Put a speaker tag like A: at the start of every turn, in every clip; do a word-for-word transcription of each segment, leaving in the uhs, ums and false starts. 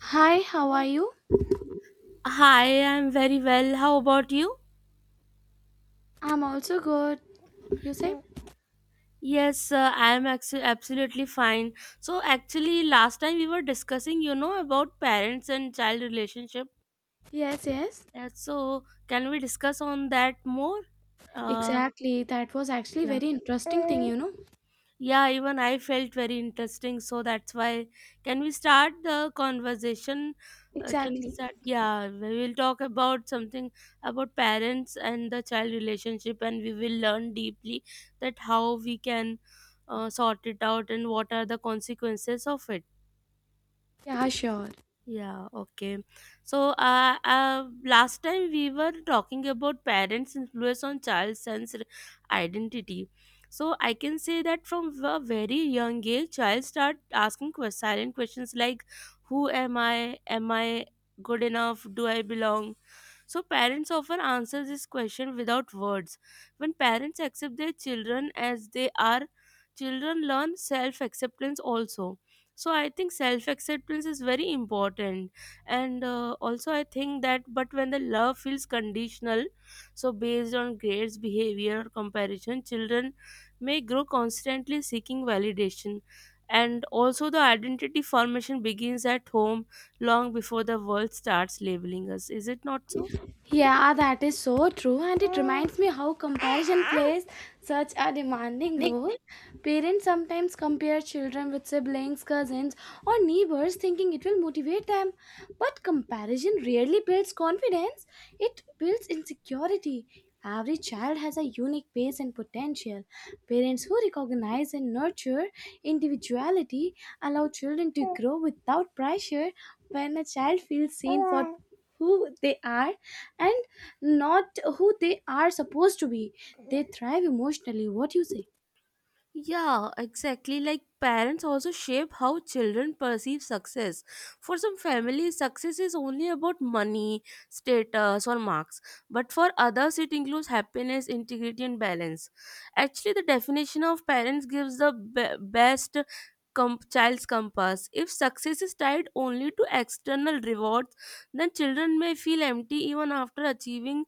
A: Hi, how are you?
B: Hi, I'm very well. How about you?
A: I'm also good. You say?
B: Yes, uh, I'm actually absolutely fine. So actually, last time we were discussing, you know, about parents and child relationship.
A: Yes, yes.
B: Uh, so can we discuss on that more? Uh,
A: Exactly. That was actually
B: yeah.
A: very interesting thing, you know?
B: Yeah, even I felt very interesting. So that's why. Can we start the conversation? Uh, can we
A: Exactly.
B: start? Yeah, we will talk about something about parents and the child relationship, and we will learn deeply that how we can uh, sort it out and what are the consequences of it.
A: Yeah, sure.
B: Yeah, okay. So, uh, uh, last time we were talking about parents' influence on child's sense r- identity. So, I can say that from a very young age, child start asking que- silent questions like, "Who am I? Am I good enough? Do I belong?" So parents often answer this question without words. When parents accept their children as they are, children learn self-acceptance also. So I think self-acceptance is very important, and uh, also I think that but when the love feels conditional, so based on grades, behavior, or comparison, children may grow constantly seeking validation. And also, the identity formation begins at home long before the world starts labeling us. Is it not so?
A: Yeah, ah, that is so true, and it reminds me how comparison plays such a demanding role. Parents sometimes compare children with siblings, cousins, or neighbors, thinking it will motivate them. But comparison rarely builds confidence, it builds insecurity. Every child has a unique pace and potential. Parents who recognize and nurture individuality allow children to grow without pressure. When a child feels seen for who they are, and not who they are supposed to be they thrive emotionally what do you say
B: Yeah, exactly. Like parents also shape how children perceive success. For some families, success is only about money, status, or marks. But for others, it includes happiness, integrity, and balance. Actually, the definition of parents gives the be- best com- child's compass. If success is tied only to external rewards, then children may feel empty even after achieving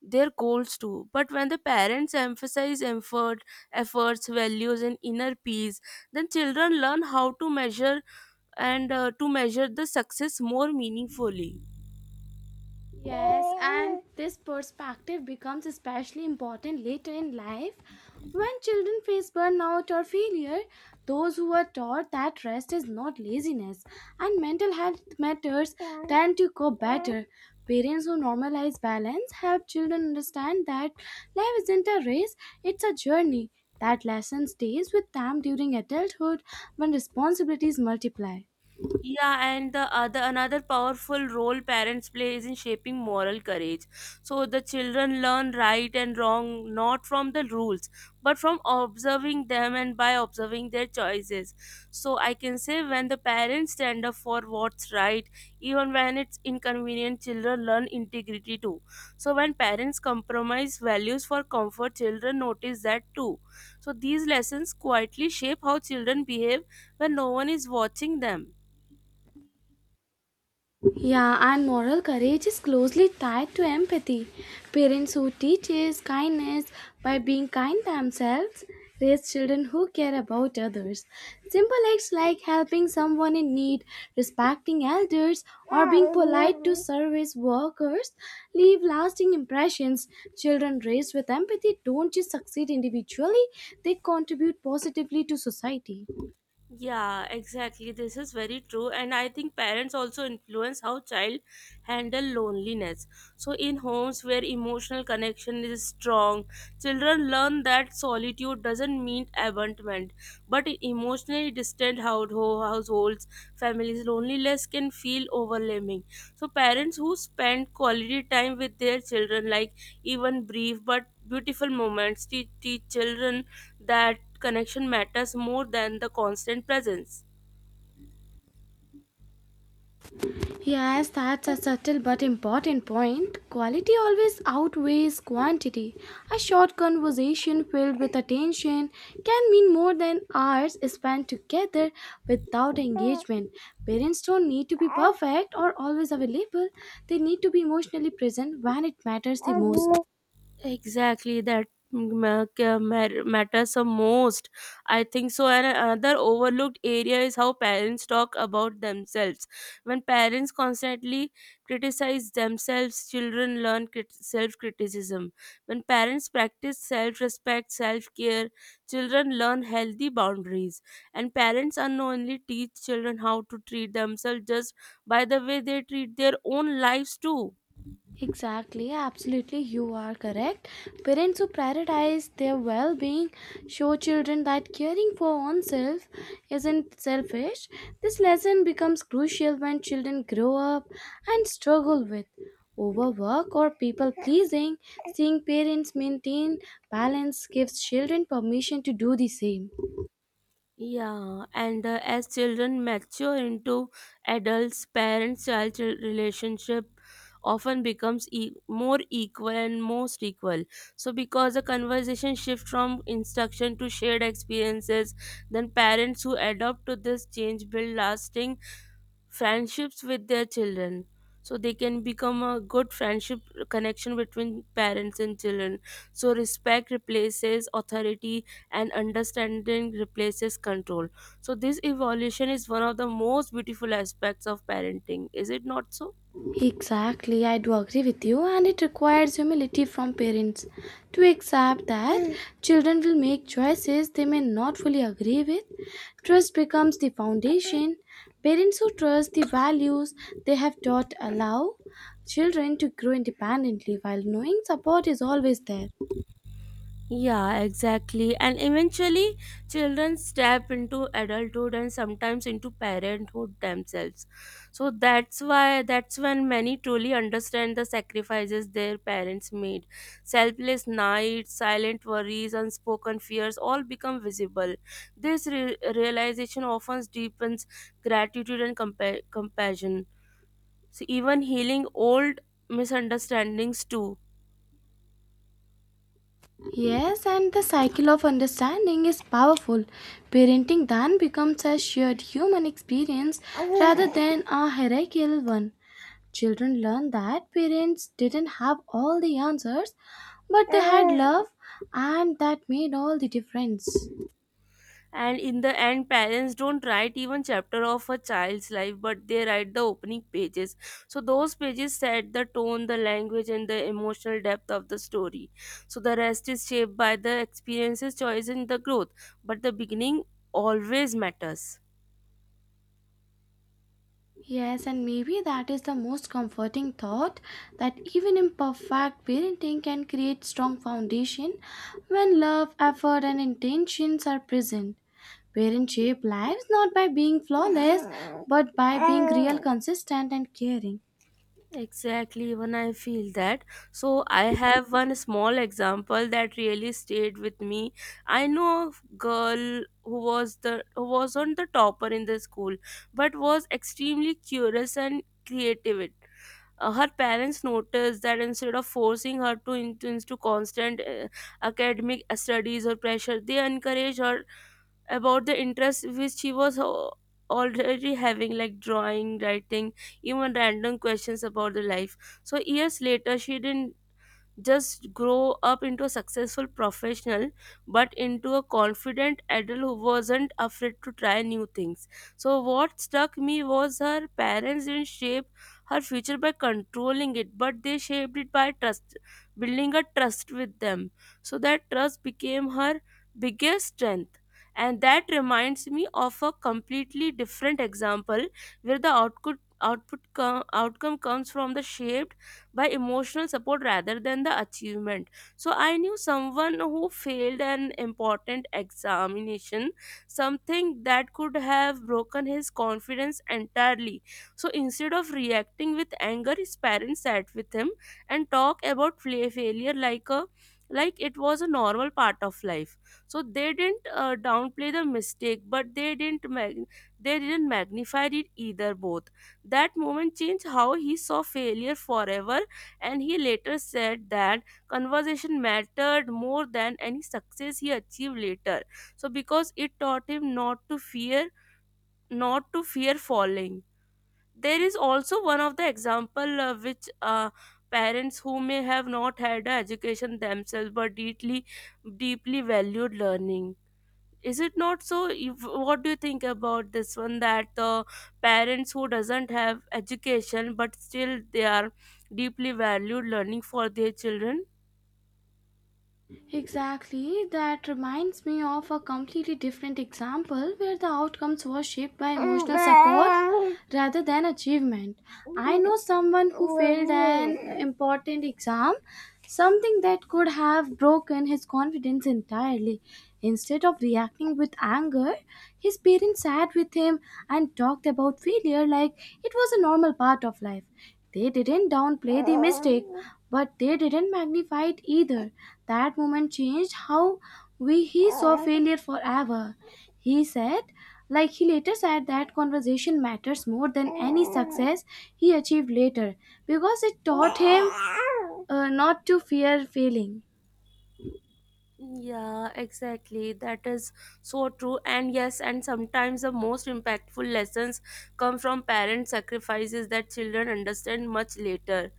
B: their goals too. But when the parents emphasize effort efforts, values, and inner peace, then children learn how to measure and uh, to measure the success more meaningfully.
A: Yes, and this perspective becomes especially important later in life when children face burnout or failure. Those who are taught that rest is not laziness and mental health matters tend to cope better. Parents who normalize balance help children understand that life isn't a race, it's a journey. That lesson stays with them during adulthood when responsibilities multiply.
B: Yeah, and the other another powerful role parents play is in shaping moral courage. So the children learn right and wrong not from the rules, but from observing them and by observing their choices. So I can say when the parents stand up for what's right, even when it's inconvenient, children learn integrity too. So when parents compromise values for comfort, children notice that too. So these lessons quietly shape how children behave when no one is watching them.
A: Yeah, and moral courage is closely tied to empathy. Parents who teaches kindness by being kind themselves raise children who care about others. Simple acts like helping someone in need, respecting elders, or being polite to service workers leave lasting impressions. Children raised with empathy don't just succeed individually, they contribute positively to society.
B: Yeah, exactly. This is very true. And I think parents also influence how child handle loneliness. So in homes where emotional connection is strong, children learn that solitude doesn't mean abandonment. But in emotionally distant househo- households, families, loneliness can feel overwhelming. So parents who spend quality time with their children, like even brief but beautiful moments, teach, teach children that connection matters more than the constant presence.
A: Yes, that's a subtle but important point. Quality always outweighs quantity. A short conversation filled with attention can mean more than hours spent together without engagement. Parents don't need to be perfect or always available, they need to be emotionally present when it matters the most.
B: Exactly, that ma- ca- ma- matters the most. I think so. And another overlooked area is how parents talk about themselves. When parents constantly criticize themselves, children learn crit- self criticism. When parents practice self respect, self care, children learn healthy boundaries. And parents unknowingly teach children how to treat themselves just by the way they treat their own lives, too.
A: Exactly, absolutely, you are correct. Parents who prioritize their well being show children that caring for oneself isn't selfish. This lesson becomes crucial when children grow up and struggle with overwork or people pleasing. Seeing parents maintain balance gives children permission to do the same.
B: Yeah, and uh, as children mature into adults, parents child relationship often becomes e- more equal and most equal. So, because the conversation shift from instruction to shared experiences, then parents who adopt to this change build lasting friendships with their children. So, they can become a good friendship connection between parents and children. So respect replaces authority and understanding replaces control. So this evolution is one of the most beautiful aspects of parenting. Is it not so?
A: Exactly, I do agree with you, and it requires humility from parents to accept that Mm. children will make choices they may not fully agree with. Trust becomes the foundation. Parents who trust the values they have taught allow children to grow independently while knowing support is always there.
B: Yeah, exactly. And eventually, children step into adulthood and sometimes into parenthood themselves. So that's why that's when many truly understand the sacrifices their parents made. Selfless nights, silent worries, unspoken fears all become visible. This re- realization often deepens gratitude and compa- compassion. So even healing old misunderstandings too.
A: Yes, and the cycle of understanding is powerful. Parenting then becomes a shared human experience rather than a hierarchical one. Children learn that parents didn't have all the answers, but they had love, and that made all the difference.
B: And in the end, parents don't write even chapter of a child's life, but they write the opening pages. So those pages set the tone, the language, and the emotional depth of the story. So the rest is shaped by the experiences, choice, and the growth, but the beginning always matters.
A: Yes, and maybe that is the most comforting thought that even imperfect parenting can create strong foundation when love, effort, and intentions are present. Parents shape lives not by being flawless, but by being real, consistent, and caring.
B: Exactly, even I feel that. So, I have one small example that really stayed with me. I know a girl who was the who wasn't the topper in the school, but was extremely curious and creative. Uh, her parents noticed that instead of forcing her to into, into constant uh, academic studies or pressure, they encouraged her about the interest which she was al- already having, like drawing, writing, even random questions about the life. So years later she didn't just grow up into a successful professional, but into a confident adult who wasn't afraid to try new things. So what struck me was her parents didn't shape her future by controlling it, but they shaped it by trust, building a trust with them. So that trust became her biggest strength. And that reminds me of a completely different example where the output output co- outcome comes from the shape by emotional support rather than the achievement. So I knew someone who failed an important examination, something that could have broken his confidence entirely. So instead of reacting with anger, his parents sat with him and talked about fla- failure like a like it was a normal part of life. So they didn't uh, downplay the mistake, but they didn't mag- they didn't magnify it either both. That moment changed how he saw failure forever. And he later said that conversation mattered more than any success he achieved later. So because it taught him not to fear not to fear falling. There is also one of the example uh, which uh, parents who may have not had a education themselves but deeply deeply valued learning. Is it not so? If, what do you think about this one, that the parents who doesn't have education but still they are deeply valued learning for their children?
A: Exactly, that reminds me of a completely different example where the outcomes were shaped by emotional support rather than achievement. I know someone who failed an important exam, something that could have broken his confidence entirely, Instead of reacting with anger, his parents sat with him and talked about failure like it was a normal part of life. They didn't downplay the mistake, but they didn't magnify it either. That moment changed how we he saw failure forever. He said, like he later said that conversation matters more than any success he achieved later because it taught him uh, not to fear failing.
B: Yeah, exactly. That is so true. And yes, and sometimes the most impactful lessons come from parent sacrifices that children understand much later.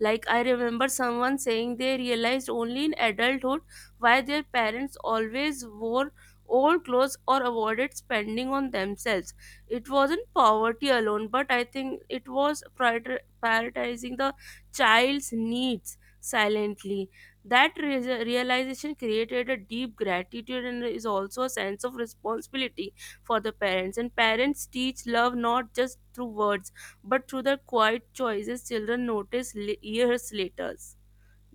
B: Like I remember someone saying they realized only in adulthood why their parents always wore old clothes or avoided spending on themselves. It wasn't poverty alone, but I think it was prior- prioritizing the child's needs silently. That re- realization created a deep gratitude and is also a sense of responsibility for the parents. And parents teach love not just through words but through their quiet choices children notice l- years later,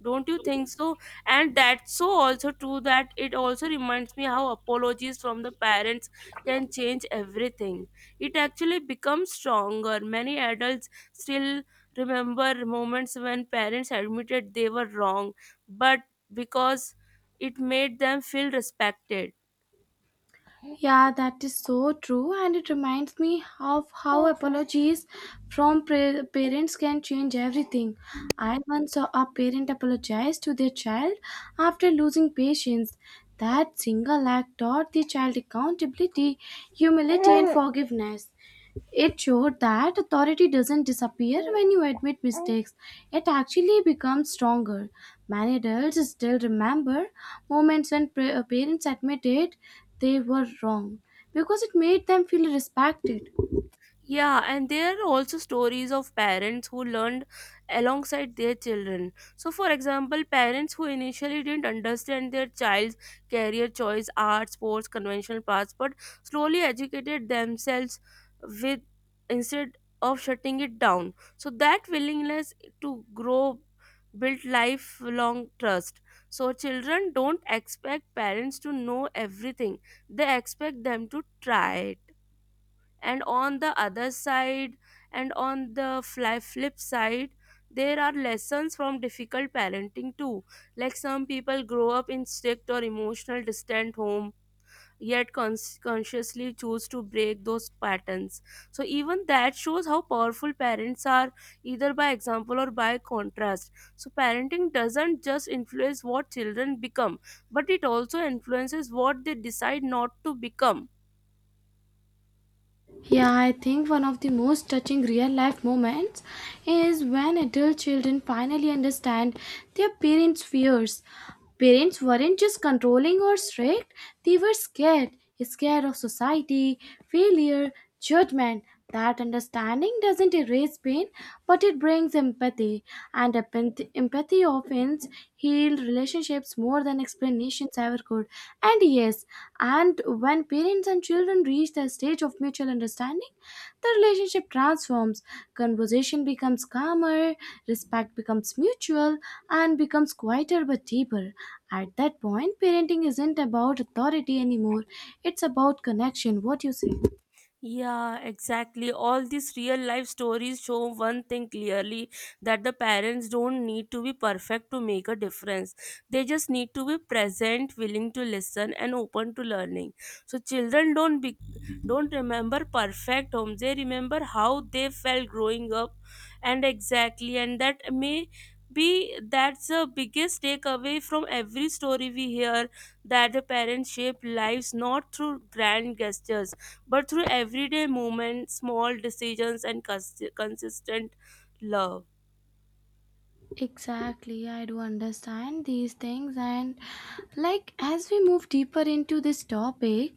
B: don't you think so? And that's so also true that it also reminds me how apologies from the parents can change everything. It actually becomes stronger. Many adults still remember moments when parents admitted they were wrong, but because it made them feel respected.
A: Yeah, that is so true, and it reminds me of how apologies from pra- parents can change everything. I once saw a parent apologize to their child after losing patience. That single act taught the child accountability, humility, and forgiveness. It showed that authority doesn't disappear when you admit mistakes, it actually becomes stronger. Many adults still remember moments when pra- parents admitted they were wrong because it made them feel respected.
B: Yeah, and there are also stories of parents who learned alongside their children. So, for example, parents who initially didn't understand their child's career choice, art, sports, conventional paths, but slowly educated themselves with instead of shutting it down. So, that willingness to grow built lifelong trust. So, children don't expect parents to know everything, they expect them to try it. And on the other side and on the fly flip side, there are lessons from difficult parenting too. Like some people grow up in strict or emotional distant home, yet cons- consciously choose to break those patterns. So even that shows how powerful parents are, either by example or by contrast. So parenting doesn't just influence what children become, but it also influences what they decide not to become.
A: Yeah, I think one of the most touching real life moments is when adult children finally understand their parents' fears. Parents weren't just controlling or strict, they were scared scared of society, failure, judgment, that understanding doesn't erase pain, but it brings empathy, and empath- empathy often heals relationships more than explanations ever could. And yes, and when parents and children reach the stage of mutual understanding, the relationship transforms. Conversation becomes calmer, respect becomes mutual, and becomes quieter but deeper. At that point, parenting isn't about authority anymore, it's about connection. What do you say?
B: Yeah, exactly. All these real life stories show one thing clearly, that the parents don't need to be perfect to make a difference. They just need to be present, willing to listen and open to learning. So children don't be, don't remember perfect homes. They remember how they felt growing up. And exactly, and that may be that's the biggest takeaway from every story we hear, that the parents shape lives not through grand gestures but through everyday moments, small decisions, and cons- consistent love.
A: Exactly, yeah, I do understand these things, and like as we move deeper into this topic,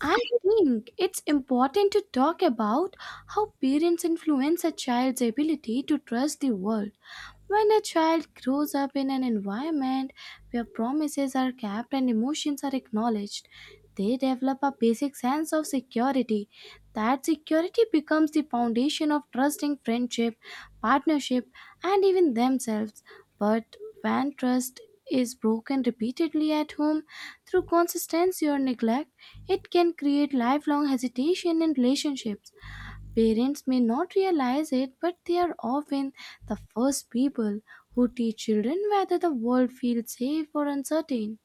A: I think it's important to talk about how parents influence a child's ability to trust the world. When a child grows up in an environment where promises are kept and emotions are acknowledged, they develop a basic sense of security. That security becomes the foundation of trusting friendship, partnership, and even themselves. But when trust is broken repeatedly at home, through consistency or neglect, it can create lifelong hesitation in relationships. Parents may not realize it, but they are often the first people who teach children whether the world feels safe or uncertain.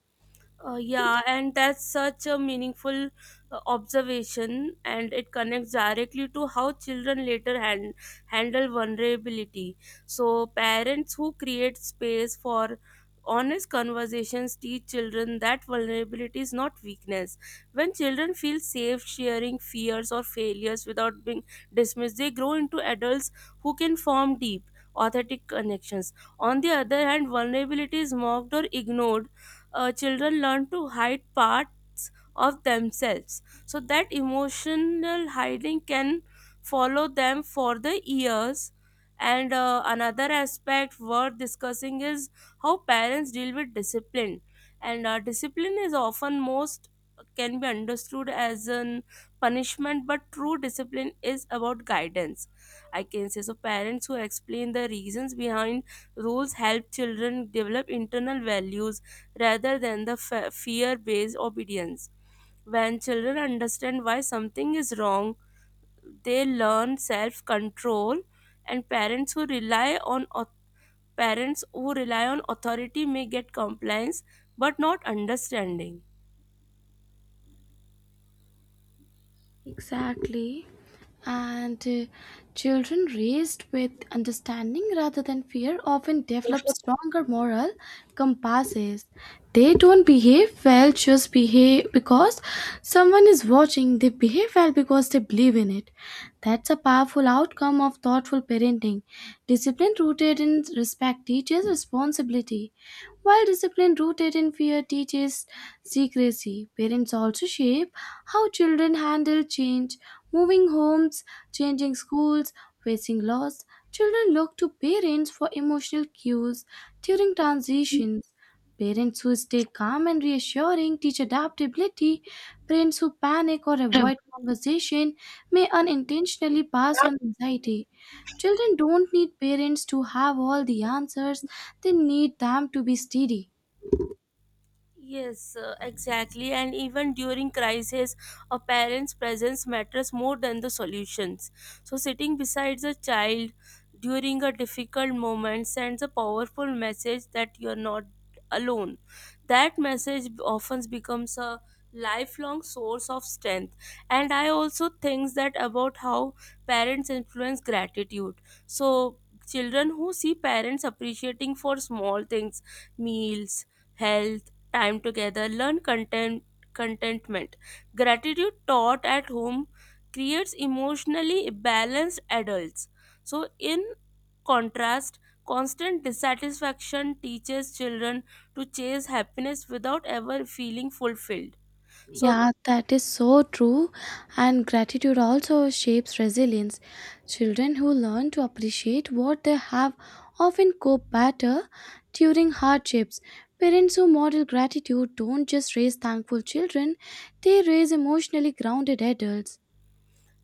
B: Uh, yeah, and that's such a meaningful uh, observation, and it connects directly to how children later hand, handle vulnerability. So, parents who create space for honest conversations teach children that vulnerability is not weakness. When children feel safe sharing fears or failures without being dismissed, they grow into adults who can form deep, authentic connections. On the other hand, vulnerability is mocked or ignored, uh, children learn to hide part of themselves. So that emotional hiding can follow them for the years. And uh, another aspect worth discussing is how parents deal with discipline. And uh, discipline is often most can be understood as an punishment, but true discipline is about guidance. I can say so. Parents who explain the reasons behind rules help children develop internal values rather than the fe- fear based obedience. When children understand why something is wrong, they learn self-control. And parents who rely on au- parents who rely on authority may get compliance but not understanding.
A: Exactly. And uh, children raised with understanding rather than fear often develop stronger moral compasses. They don't behave well just behave because someone is watching. They behave well because they believe in it. That's a powerful outcome of thoughtful parenting. Discipline rooted in respect teaches responsibility. While discipline rooted in fear teaches secrecy, parents also shape how children handle change, moving homes, changing schools, facing loss. Children look to parents for emotional cues during transitions. Parents who stay calm and reassuring teach adaptability. Parents who panic or avoid conversation may unintentionally pass on anxiety. Children don't need parents to have all the answers, they need them to be steady.
B: Yes, uh, exactly. And even during crisis, a parent's presence matters more than the solutions. So, sitting beside the child during a difficult moment sends a powerful message that you're not alone. That message often becomes a lifelong source of strength. And I also think that about how parents influence gratitude. So, children who see parents appreciating for small things, meals, health, time together, learn content, contentment. Gratitude taught at home creates emotionally balanced adults. So, in contrast, constant dissatisfaction teaches children to chase happiness without ever feeling fulfilled. So,
A: Yeah, that is so true. And gratitude also shapes resilience. Children who learn to appreciate what they have often cope better during hardships. Parents who model gratitude don't just raise thankful children, they raise emotionally grounded adults.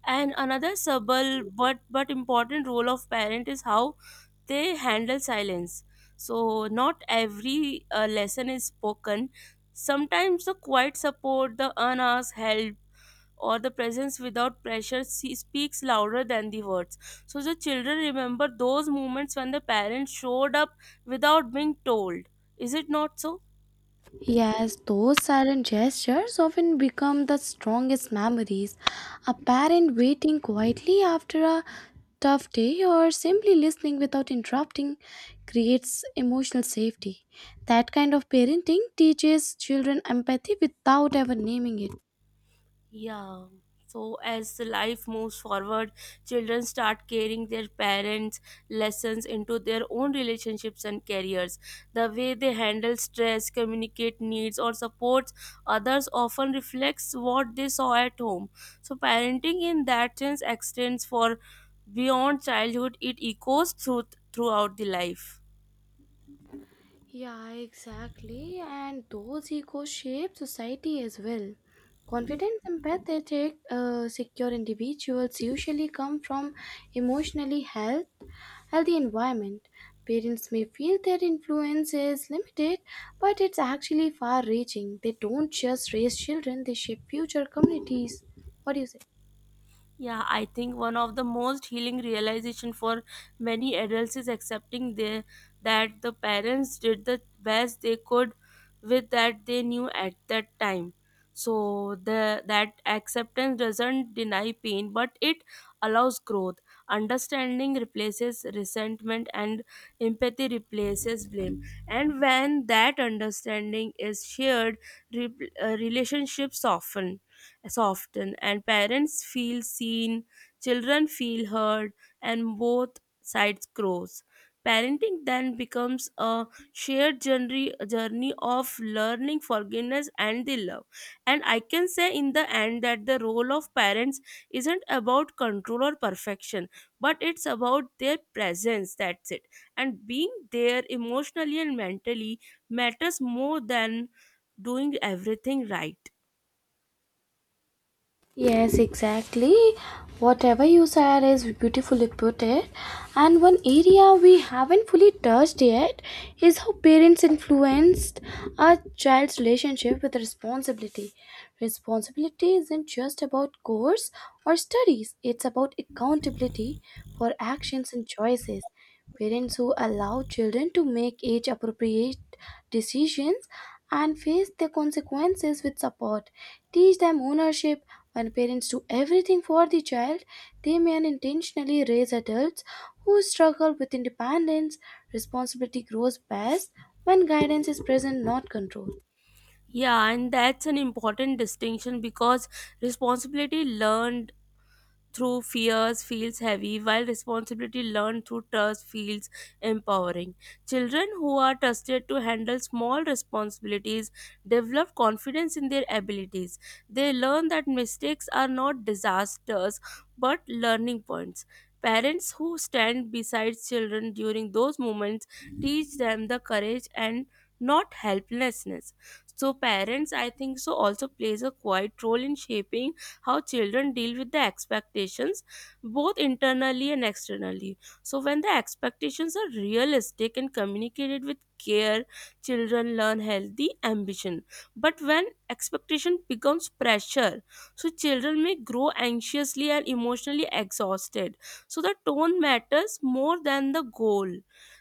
B: and another subtle but but important role of parent is how they handle silence. So not every uh, lesson is spoken. Sometimes the quiet support, the unasked help, or the presence without pressure se- speaks louder than the words. So the children remember those moments when the parents showed up without being told. Is it not so?
A: Yes, those silent gestures often become the strongest memories. A parent waiting quietly after a tough day or simply listening without interrupting creates emotional safety. That kind of parenting teaches children empathy without ever naming it.
B: Yeah. So as the life moves forward, children start carrying their parents' lessons into their own relationships and careers. The way they handle stress, communicate needs, or support others often reflects what they saw at home. So parenting in that sense extends for beyond childhood; it echoes through throughout the life.
A: Yeah, exactly. And those egos shape society as well. Confident, empathetic, uh, secure individuals usually come from emotionally health, healthy environment. Parents may feel their influence is limited, but it's actually far-reaching. They don't just raise children; they shape future communities. What do you say?
B: Yeah, I think one of the most healing realization for many adults is accepting their, that the parents did the best they could with that they knew at that time. So the that acceptance doesn't deny pain, but it allows growth. Understanding replaces resentment, and empathy replaces blame. And when that understanding is shared, re- uh, relationships soften soften and parents feel seen, children feel heard, and both sides grows. Parenting then becomes a shared journey, journey of learning, forgiveness, and the love. And I can say in the end that the role of parents isn't about control or perfection, but it's about their presence. That's it. And being there emotionally and mentally matters more than doing everything right.
A: Yes, exactly. Whatever you said is beautifully put it. And one area we haven't fully touched yet is how parents influenced a child's relationship with responsibility. Responsibility isn't just about course or studies, it's about accountability for actions and choices. Parents who allow children to make age appropriate decisions and face the consequences with support, teach them ownership when parents do everything for the child, they may unintentionally raise adults who struggle with independence. Responsibility grows best when guidance is present, not control.
B: Yeah, and that's an important distinction because responsibility learned through fears feels heavy, while responsibility learned through trust feels empowering. Children who are trusted to handle small responsibilities develop confidence in their abilities. They learn that mistakes are not disasters but learning points. Parents who stand beside children during those moments teach them the courage and not helplessness. So, parents, I think, so also plays a quiet role in shaping how children deal with the expectations both internally and externally. So when the expectations are realistic and communicated with care, children learn healthy ambition, but when expectation becomes pressure, so children may grow anxiously and emotionally exhausted. So the tone matters more than the goal.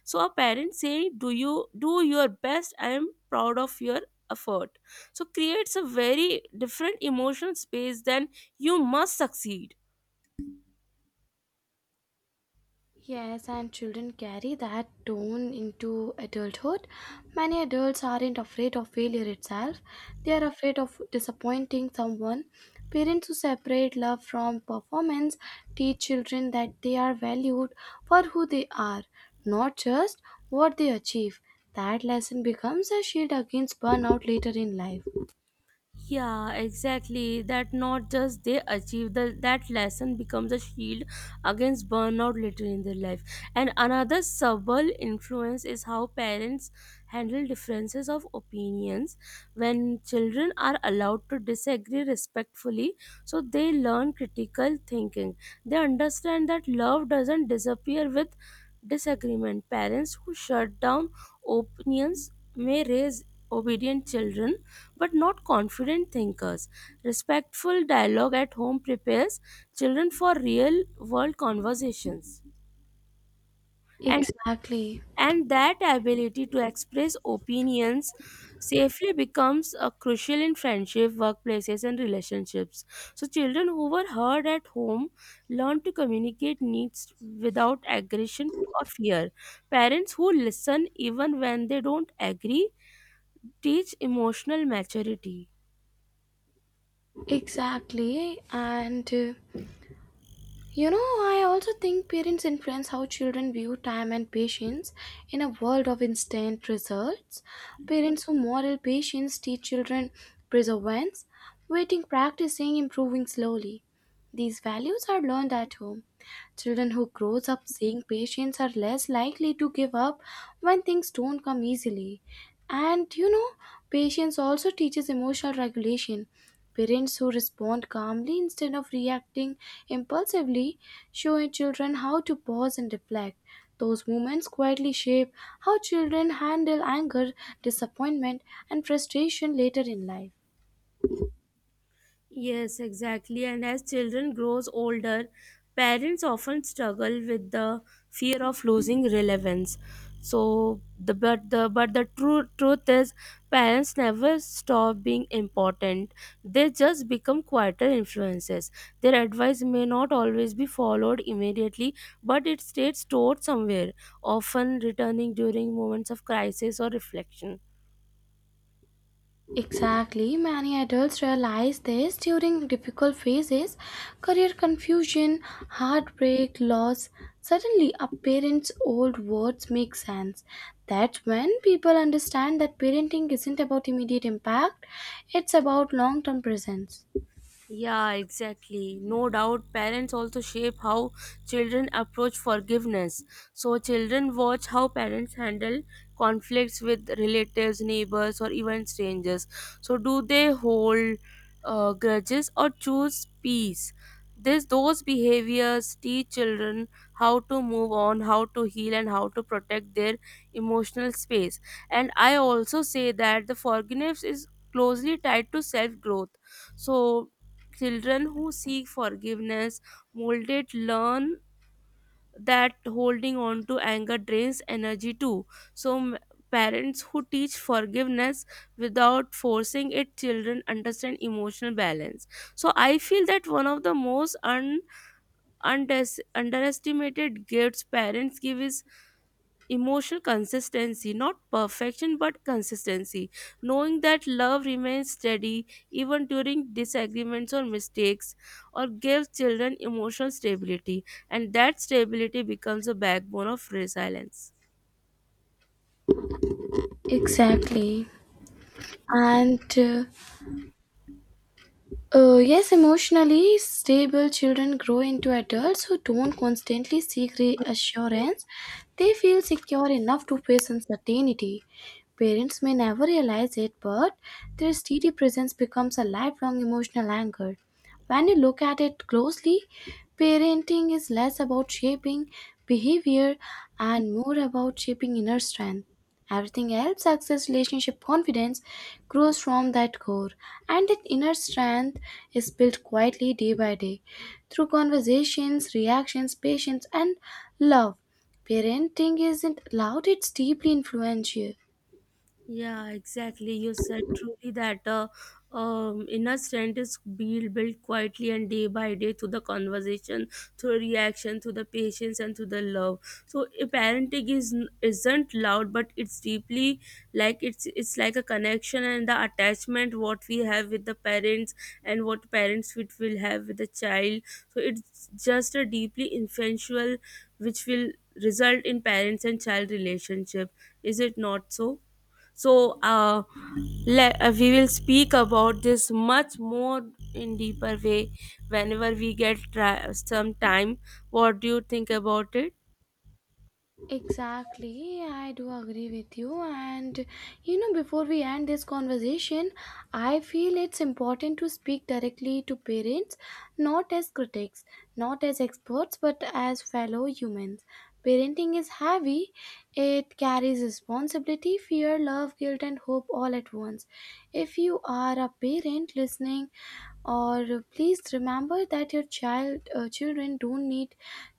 B: So a parent saying do you do your best, I am proud of your effort, so creates a very different emotional space than you must succeed.
A: Yes, and children carry that tone into adulthood. Many adults aren't afraid of failure itself, they are afraid of disappointing someone. Parents who separate love from performance teach children that they are valued for who they are, not just what they achieve. That lesson becomes a shield against burnout later in life.
B: Yeah, exactly. That not just they achieve the, that lesson becomes a shield against burnout later in their life. And another subtle influence is how parents handle differences of opinions. When children are allowed to disagree respectfully, so they learn critical thinking. They understand that love doesn't disappear with disagreement. Parents who shut down opinions may raise obedient children but not confident thinkers. Respectful dialogue at home prepares children for real world conversations. And
A: Exactly,
B: and that ability to express opinions safely becomes uh, crucial in friendship, workplaces and relationships. So children who were heard at home learn to communicate needs without aggression or fear. Parents who listen even when they don't agree teach emotional maturity.
A: exactly, and uh, you know, I also think parents influence how children view time and patience in a world of instant results. Parents who model patience teach children perseverance, waiting, practicing, improving slowly. These values are learned at home, Children who grows up seeing patients are less likely to give up when things don't come easily. And you know, patience also teaches emotional regulation. Parents who respond calmly instead of reacting impulsively show children how to pause and reflect. Those moments quietly shape how children handle anger, disappointment, and frustration later in life.
B: Yes, exactly. And as children grows older, parents often struggle with the fear of losing relevance. So the but the but the true truth is parents never stop being important. They just become quieter influences. Their advice may not always be followed immediately, but it stays stored somewhere, often returning during moments of crisis or reflection.
A: Exactly, many adults realize this during difficult phases, career confusion, heartbreak, loss. Suddenly, a parent's old words make sense. That's when people understand that parenting isn't about immediate impact, it's about long term presence.
B: Yeah, exactly. No doubt parents also shape how children approach forgiveness. So children watch how parents handle conflicts with relatives, neighbors or even strangers. So do they hold uh, grudges or choose peace? This those behaviors teach children how to move on, how to heal and how to protect their emotional space. And I also say that the forgiveness is closely tied to self growth. So children who seek forgiveness, molded, learn that holding on to anger drains energy too. So, m- parents who teach forgiveness without forcing it, children understand emotional balance. So, I feel that one of the most un- undes- underestimated gifts parents give is emotional consistency, not perfection but consistency, knowing that love remains steady even during disagreements or mistakes, or gives children emotional stability, and that stability becomes a backbone of resilience.
A: Exactly. And uh, Uh, yes, emotionally stable children grow into adults who don't constantly seek reassurance. They feel secure enough to face uncertainty. Parents may never realize it, but their steady presence becomes a lifelong emotional anchor. When you look at it closely, parenting is less about shaping behavior and more about shaping inner strength. Everything else success, relationship, confidence grows from that core, and that inner strength is built quietly day by day through conversations, reactions, patience, and love. Parenting isn't loud, it's deeply influential.
B: Yeah, exactly. You said truly that uh, um, inner strength is built, built quietly and day by day through the conversation, through reaction, through the patience, and through the love. So a parenting is isn't loud, but it's deeply like it's it's like a connection and the attachment what we have with the parents and what parents would will have with the child. So it's just a deeply influential, which will result in parents and child relationship. Is it not so? So uh, le- uh, we will speak about this much more in deeper way whenever we get tri- some time. What do you think about it?
A: Exactly, I do agree with you. And you know, before we end this conversation, I feel it's important to speak directly to parents, not as critics, not as experts, but as fellow humans. Parenting is heavy, it carries responsibility, fear, love, guilt, and hope all at once. If you are a parent listening, or please remember that your child uh, children don't need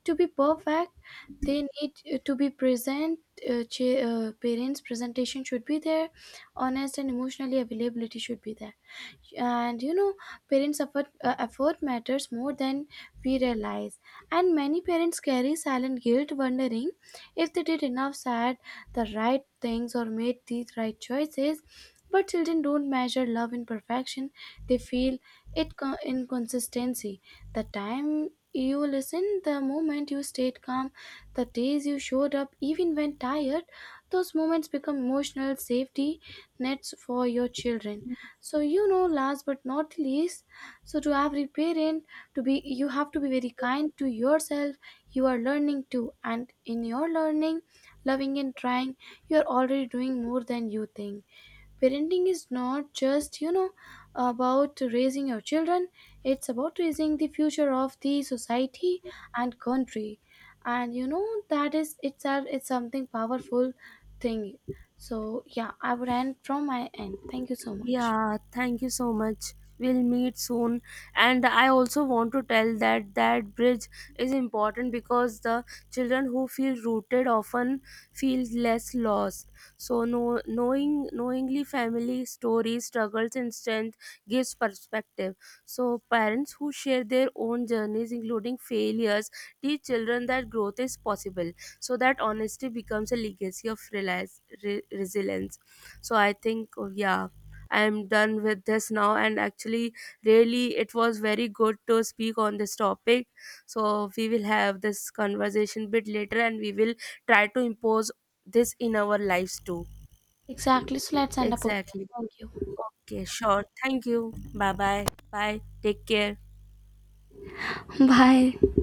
A: to be perfect they need uh, to be present uh, cha- uh, parents presentation should be there honest and emotionally availability should be there and you know parents effort, uh, effort matters more than we realize and many parents carry silent guilt wondering if they did enough said the right things or made the right choices but children don't measure love in perfection they feel it co- in consistency. The time you listen the moment you stayed calm the days you showed up even when tired those moments become emotional safety nets for your children so you know last but not least so to every parent to be you have to be very kind to yourself you are learning too and in your learning loving and trying you are already doing more than you think parenting is not just you know about raising your children it's about raising the future of the society and country and you know that is itself it's something powerful thing so yeah I would end from my end thank you so much
B: Yeah, thank you so much. We'll meet soon. And I also want to tell that that bridge is important because the children who feel rooted often feel less lost. So no, knowing knowingly family stories, struggles and strength gives perspective. So parents who share their own journeys including failures teach children that growth is possible. So that honesty becomes a legacy of realize, re- resilience. So I think oh, yeah, I'm done with this now. And actually, really, it was very good to speak on this topic. So we will have this conversation bit later, and we will try to impose this in our lives too.
A: Exactly. So let's end up over here.
B: Exactly.
A: Thank you.
B: Okay, sure. Thank you. Bye bye. Bye. Take care.
A: Bye.